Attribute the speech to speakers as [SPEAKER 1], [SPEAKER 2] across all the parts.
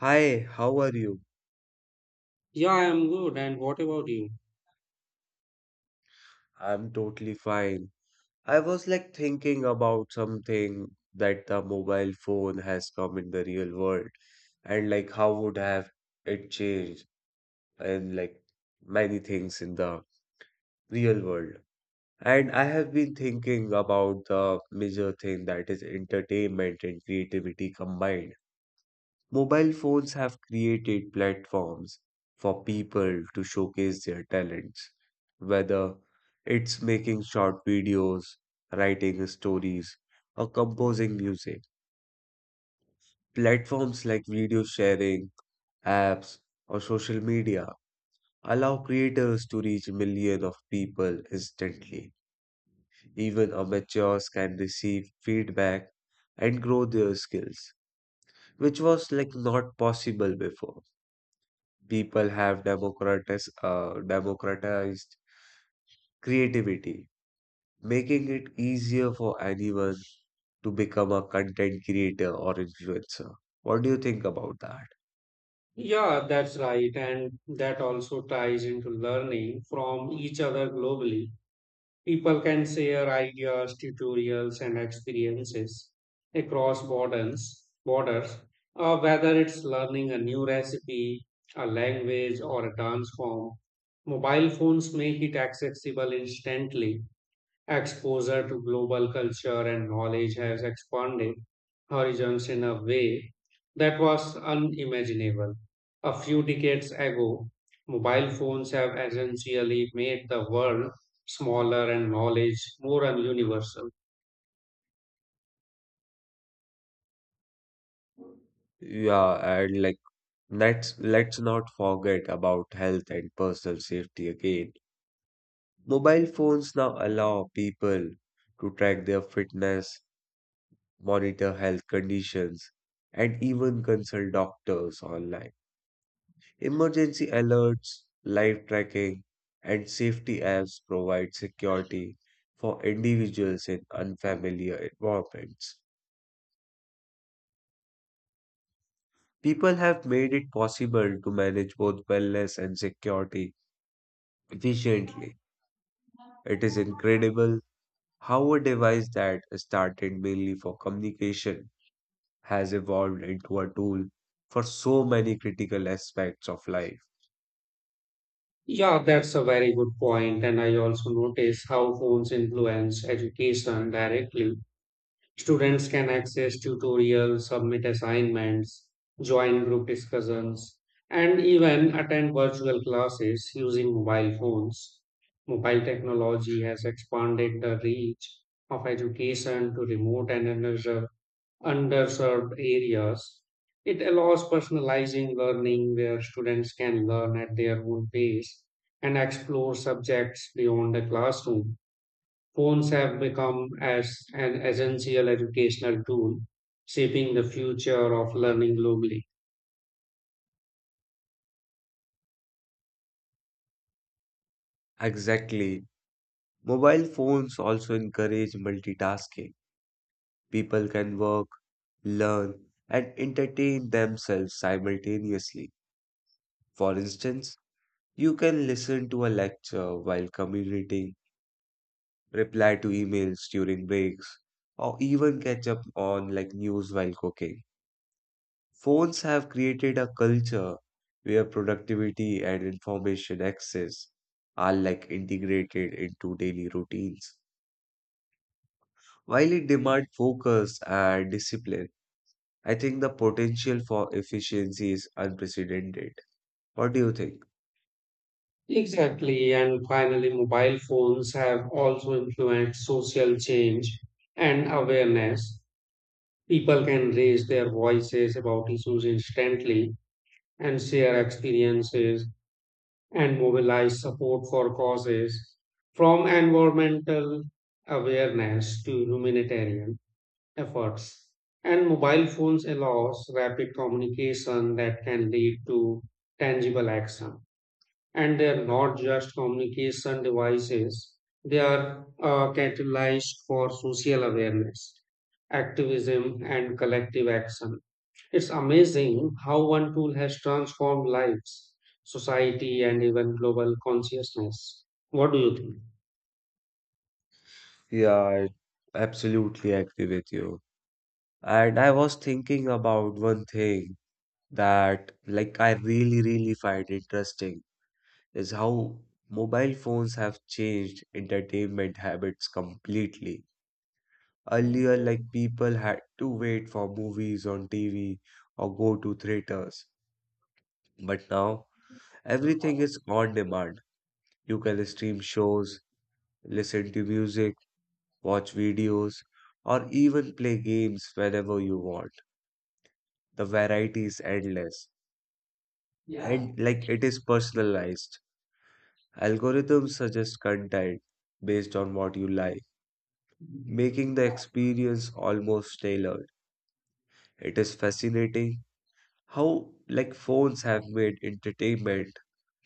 [SPEAKER 1] Hi, how are you?
[SPEAKER 2] Yeah, I'm good. And what about you?
[SPEAKER 1] I'm totally fine. I was thinking about something, that the mobile phone has come in the real world and how would have it changed and many things in the real world. And I have been thinking about the major thing that is entertainment and creativity combined. Mobile phones have created platforms for people to showcase their talents, whether it's making short videos, writing stories, or composing music. Platforms like video sharing, apps, or social media allow creators to reach millions of people instantly. Even amateurs can receive feedback and grow their skills, which was not possible before. People have democratis democratized creativity, making it easier for anyone to become a content creator or influencer. What do you think about that?
[SPEAKER 2] Yeah, that's right. And that also ties into learning from each other globally. People can share ideas, tutorials, and experiences across borders, whether it's learning a new recipe, a language, or a dance form. Mobile phones make it accessible instantly. Exposure to global culture and knowledge has expanded horizons in a way that was unimaginable a few decades ago. Mobile phones have essentially made the world smaller and knowledge more universal.
[SPEAKER 1] Yeah, and let's not forget about health and personal safety again. Mobile phones now allow people to track their fitness, monitor health conditions, and even consult doctors online. Emergency alerts, live tracking, and safety apps provide security for individuals in unfamiliar environments. People have made it possible to manage both wellness and security efficiently. It is incredible how a device that started mainly for communication has evolved into a tool for so many critical aspects of life.
[SPEAKER 2] Yeah, that's a very good point, and I also notice how phones influence education directly. Students can access tutorials, submit assignments, join group discussions, and even attend virtual classes using mobile phones. Mobile technology has expanded the reach of education to remote and underserved areas. It allows personalizing learning where students can learn at their own pace and explore subjects beyond the classroom. Phones have become as an essential educational tool, shaping the future of learning globally.
[SPEAKER 1] Exactly. Mobile phones also encourage multitasking. People can work, learn, and entertain themselves simultaneously. For instance, you can listen to a lecture while commuting, reply to emails during breaks, or even catch up on news while cooking. Phones have created a culture where productivity and information access are integrated into daily routines. While it demands focus and discipline, I think the potential for efficiency is unprecedented. What do you think?
[SPEAKER 2] Exactly, and finally, mobile phones have also influenced social change and awareness. People can raise their voices about issues instantly and share experiences and mobilize support for causes from environmental awareness to humanitarian efforts. And mobile phones allows rapid communication that can lead to tangible action. And they are not just communication devices, they are catalyzed for social awareness, activism, and collective action. It's amazing how one tool has transformed lives, society, and even global consciousness. What do you think?
[SPEAKER 1] Yeah, I absolutely agree with you. And I was thinking about one thing that I really find interesting is how mobile phones have changed entertainment habits completely. Earlier, people had to wait for movies on TV or go to theaters, but now everything is on demand. You can stream shows, listen to music, watch videos, or even play games whenever you want. The variety is endless
[SPEAKER 2] Yeah.
[SPEAKER 1] and it is personalized. Algorithms suggest content based on what you like, making the experience almost tailored. It is fascinating how phones have made entertainment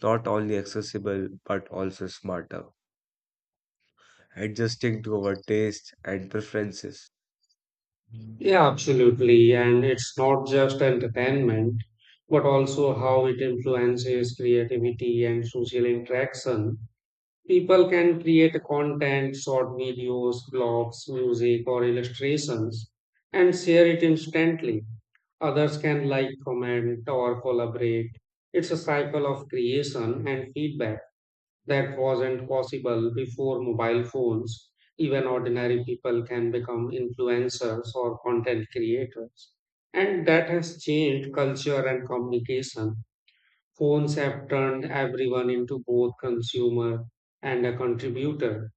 [SPEAKER 1] not only accessible but also smarter, adjusting to our tastes and preferences.
[SPEAKER 2] Yeah, absolutely. And it's not just entertainment, but also how it influences creativity and social interaction. People can create content, short videos, blogs, music, or illustrations, and share it instantly. Others can like, comment, or collaborate. It's a cycle of creation and feedback that wasn't possible before mobile phones. Even ordinary people can become influencers or content creators. And that has changed culture and communication. Phones have turned everyone into both consumer and a contributor,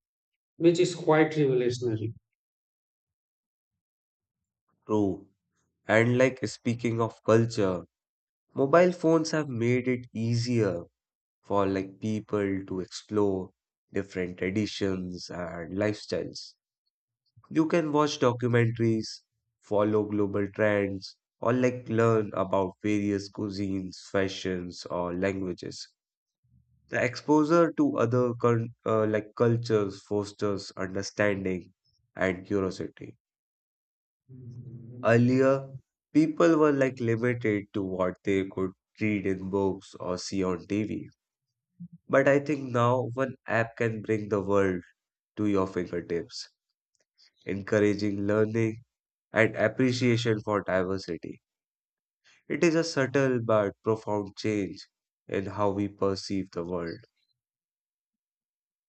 [SPEAKER 2] which is quite revolutionary.
[SPEAKER 1] True. And speaking of culture, mobile phones have made it easier for people to explore different traditions and lifestyles. You can watch documentaries, follow global trends, or learn about various cuisines, fashions, or languages. The exposure to other cultures fosters understanding and curiosity. Earlier, people were limited to what they could read in books or see on TV. But I think now one app can bring the world to your fingertips, encouraging learning and appreciation for diversity. It is a subtle but profound change in how we perceive the world.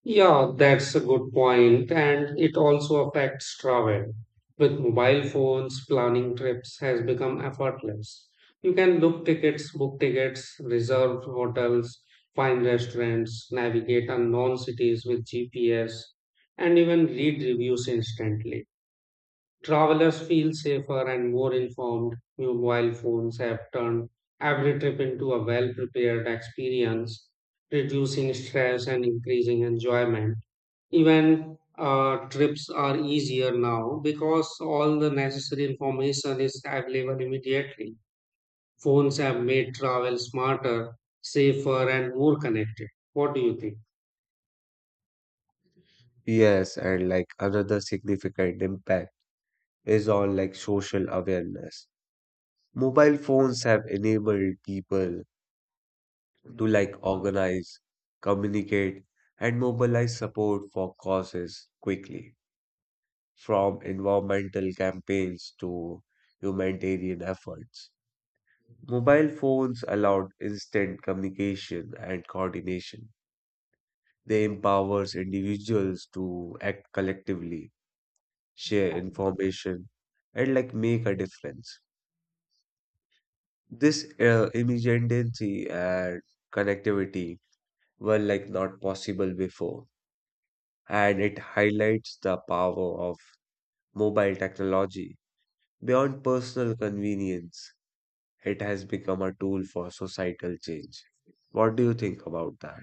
[SPEAKER 2] Yeah, that's a good point, and it also affects travel. With mobile phones, planning trips has become effortless. You can book tickets, reserve hotels, find restaurants, navigate unknown cities with GPS, and even read reviews instantly. Travelers feel safer and more informed. Mobile phones have turned every trip into a well-prepared experience, reducing stress and increasing enjoyment. Even trips are easier now because all the necessary information is available immediately. Phones have made travel smarter, safer, and more connected. What do you think?
[SPEAKER 1] Yes, and another significant impact is on social awareness. Mobile phones have enabled people to organize, communicate, and mobilize support for causes quickly, from environmental campaigns to humanitarian efforts. Mobile phones allowed instant communication and coordination. They empowers individuals to act collectively, share information, and make a difference. This immediacy and connectivity were not possible before, and it highlights the power of mobile technology beyond personal convenience. It has become a tool for societal change. What do you think about that?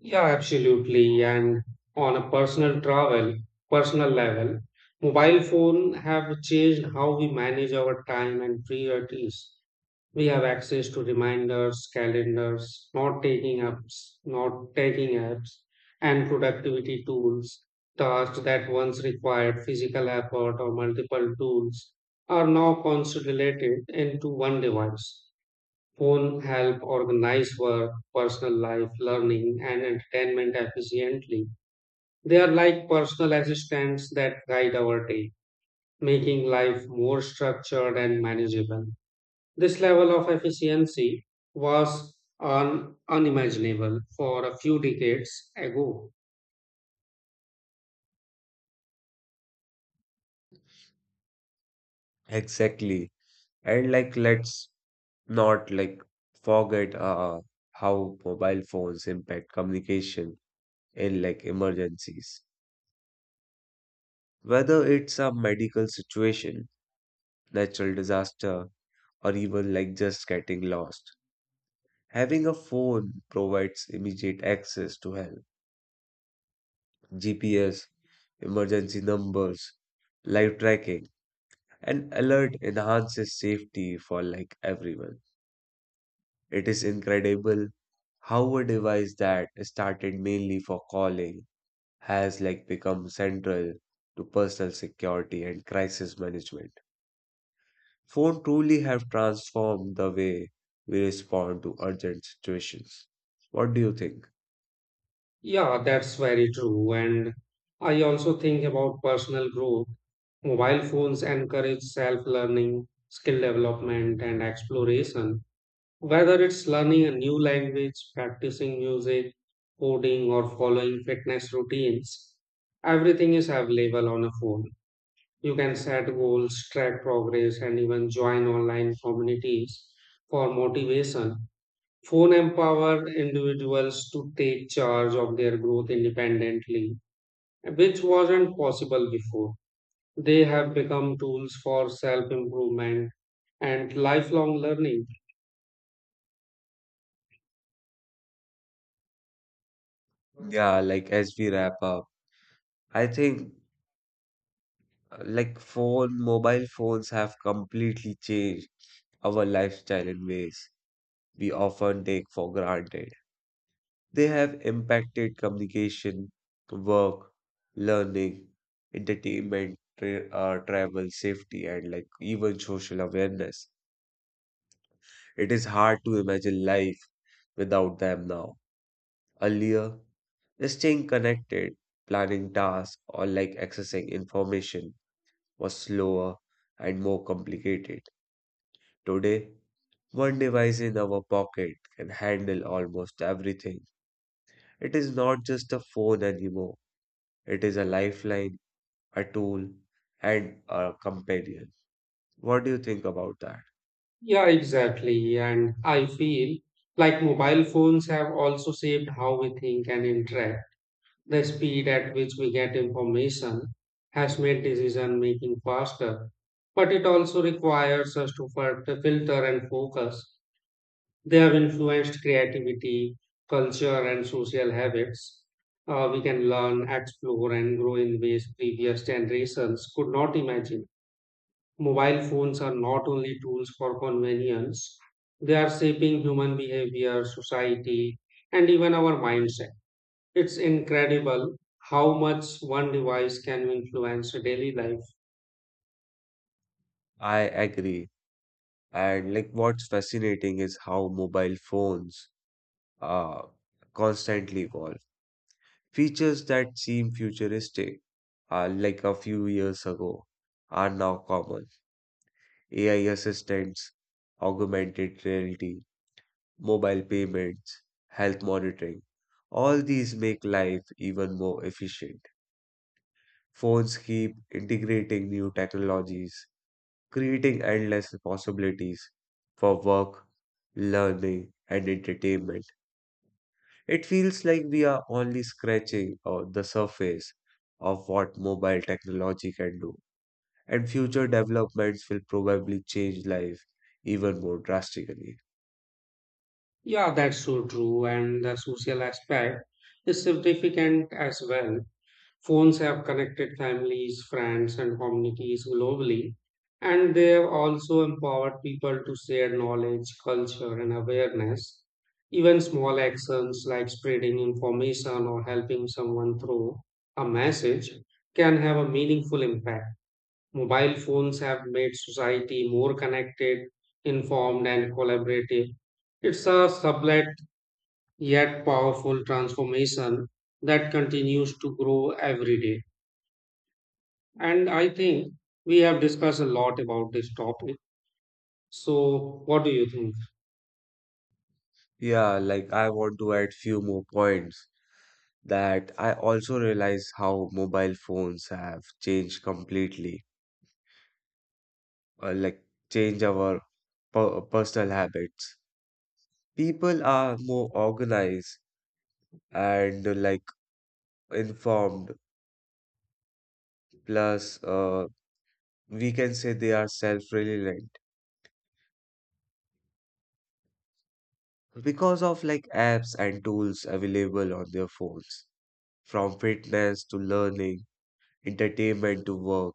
[SPEAKER 2] Yeah, absolutely. And on a personal level, mobile phone have changed how we manage our time and priorities. We have access to reminders, calendars, not taking apps, and productivity tools. Tasks that once required physical effort or multiple tools are now consolidated into one device. Phone help organize work, personal life, learning, and entertainment efficiently. They are like personal assistants that guide our day, making life more structured and manageable. This level of efficiency was unimaginable for a few decades ago.
[SPEAKER 1] Exactly. And let's not forget how mobile phones impact communication in emergencies. Whether it's a medical situation, natural disaster, or even just getting lost. Having a phone provides immediate access to help, GPS, emergency numbers, live tracking, and alert enhances safety for everyone. It is incredible how a device that started mainly for calling has become central to personal security and crisis management. Phone truly have transformed the way we respond to urgent situations. What do you think?
[SPEAKER 2] Yeah, that's very true. And I also think about personal growth. Mobile phones encourage self learning, skill development, and exploration. Whether it's learning a new language, practicing music, coding, or following fitness routines, everything is available on a phone. You can set goals, track progress, and even join online communities for motivation. Phone empowered individuals to take charge of their growth independently, which wasn't possible before. They have become tools for self improvement and lifelong learning.
[SPEAKER 1] Yeah, as we wrap up, I think phone mobile phones have completely changed our lifestyle in ways we often take for granted. They have impacted communication, work, learning, entertainment, travel, safety, and even social awareness. It is hard to imagine life without them now. Earlier, staying connected, planning tasks, or accessing information was slower and more complicated. Today, one device in our pocket can handle almost everything. It is not just a phone anymore, it is a lifeline, a tool, and a companion. What do you think about that?
[SPEAKER 2] Yeah, exactly. And I feel like mobile phones have also shaped how we think and interact. The speed at which we get information has made decision making faster, but it also requires us to to filter and focus. They have influenced creativity, culture, and social habits. We can learn, explore, and grow in ways previous generations could not imagine. Mobile phones are not only tools for convenience, they are shaping human behavior, society, and even our mindset. It's incredible how much one device can influence daily life.
[SPEAKER 1] I agree. And what's fascinating is how mobile phones uh, constantly evolve. Features that seem futuristic, a few years ago, are now common. AI assistants, augmented reality, mobile payments, health monitoring. All these make life even more efficient. Phones keep integrating new technologies, creating endless possibilities for work, learning, and entertainment. It feels like we are only scratching the surface of what mobile technology can do, and future developments will probably change life even more drastically.
[SPEAKER 2] Yeah, that's so true, and the social aspect is significant as well. Phones have connected families, friends, and communities globally, and they have also empowered people to share knowledge, culture, and awareness. Even small actions like spreading information or helping someone through a message can have a meaningful impact. Mobile phones have made society more connected, informed, and collaborative. It's a sublet yet powerful transformation that continues to grow every day. And I think we have discussed a lot about this topic. So, what do you think?
[SPEAKER 1] Yeah, I want to add few more points, that I also realize how mobile phones have changed completely, like change our personal habits. People are more organized and informed. Plus, we can say they are self-reliant because of apps and tools available on their phones. From fitness to learning, entertainment to work,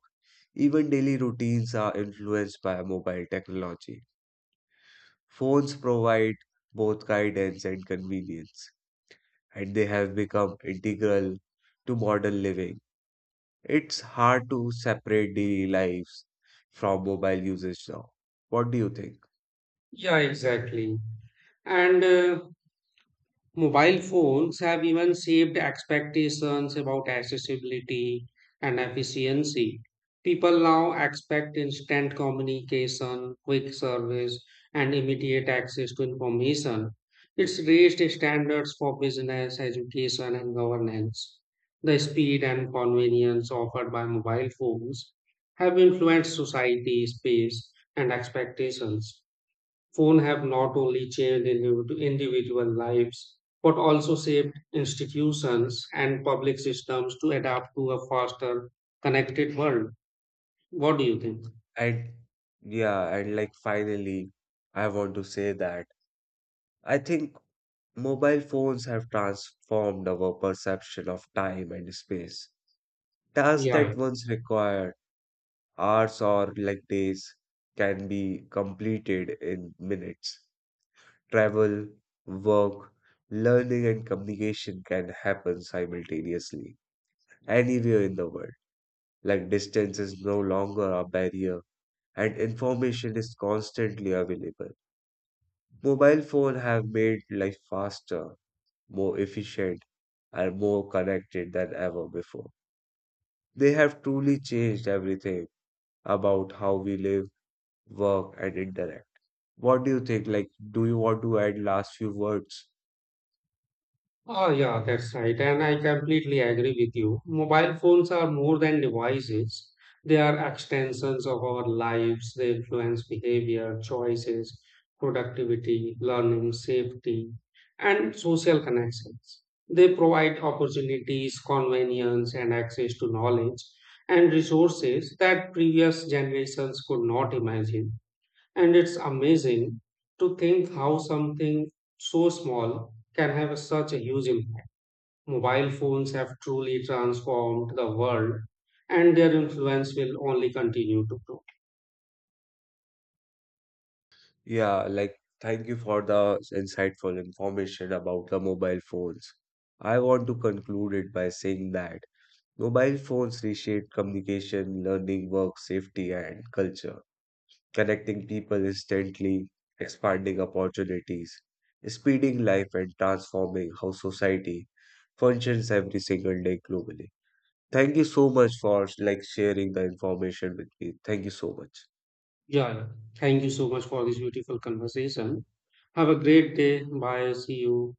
[SPEAKER 1] even daily routines are influenced by mobile technology. Phones provide both guidance and convenience, and they have become integral to modern living. It's hard to separate daily lives from mobile usage now. What do you think?
[SPEAKER 2] Yeah, exactly. And Mobile phones have even shaped expectations about accessibility and efficiency. People now expect instant communication, quick service, and immediate access to information. It's raised standards for business, education, and governance. The speed and convenience offered by mobile phones have influenced society, space, and expectations. Phone have not only changed individual lives but also shaped institutions and public systems to adapt to a faster connected world. What do you think?
[SPEAKER 1] And yeah, and finally, I want to say that I think mobile phones have transformed our perception of time and space. Tasks
[SPEAKER 2] Yeah.
[SPEAKER 1] that once required hours or days can be completed in minutes. Travel, work, learning, and communication can happen simultaneously anywhere in the world. Like distance is no longer a barrier and information is constantly available. Mobile phones have made life faster, more efficient and more connected than ever before. They have truly changed everything about how we live, work and interact. What do you think? Like, do you want to add last few words?
[SPEAKER 2] Oh, yeah, that's right. And I completely agree with you. Mobile phones are more than devices, they are extensions of our lives. They influence behavior, choices, productivity, learning, safety, and social connections. They provide opportunities, convenience, and access to knowledge and resources that previous generations could not imagine. And it's amazing to think how something so small can have such a huge impact. Mobile phones have truly transformed the world, and their influence will only continue to grow.
[SPEAKER 1] Yeah, thank you for the insightful information about the mobile phones. I want to conclude it by saying that mobile phones reshaped communication, learning, work, safety, and culture, connecting people instantly, expanding opportunities, speeding life, and transforming how society functions every single day globally. Thank you so much for sharing the information with me. Thank you so much.
[SPEAKER 2] Yeah, yeah. Thank you so much for this beautiful conversation. Have a great day. Bye. See you.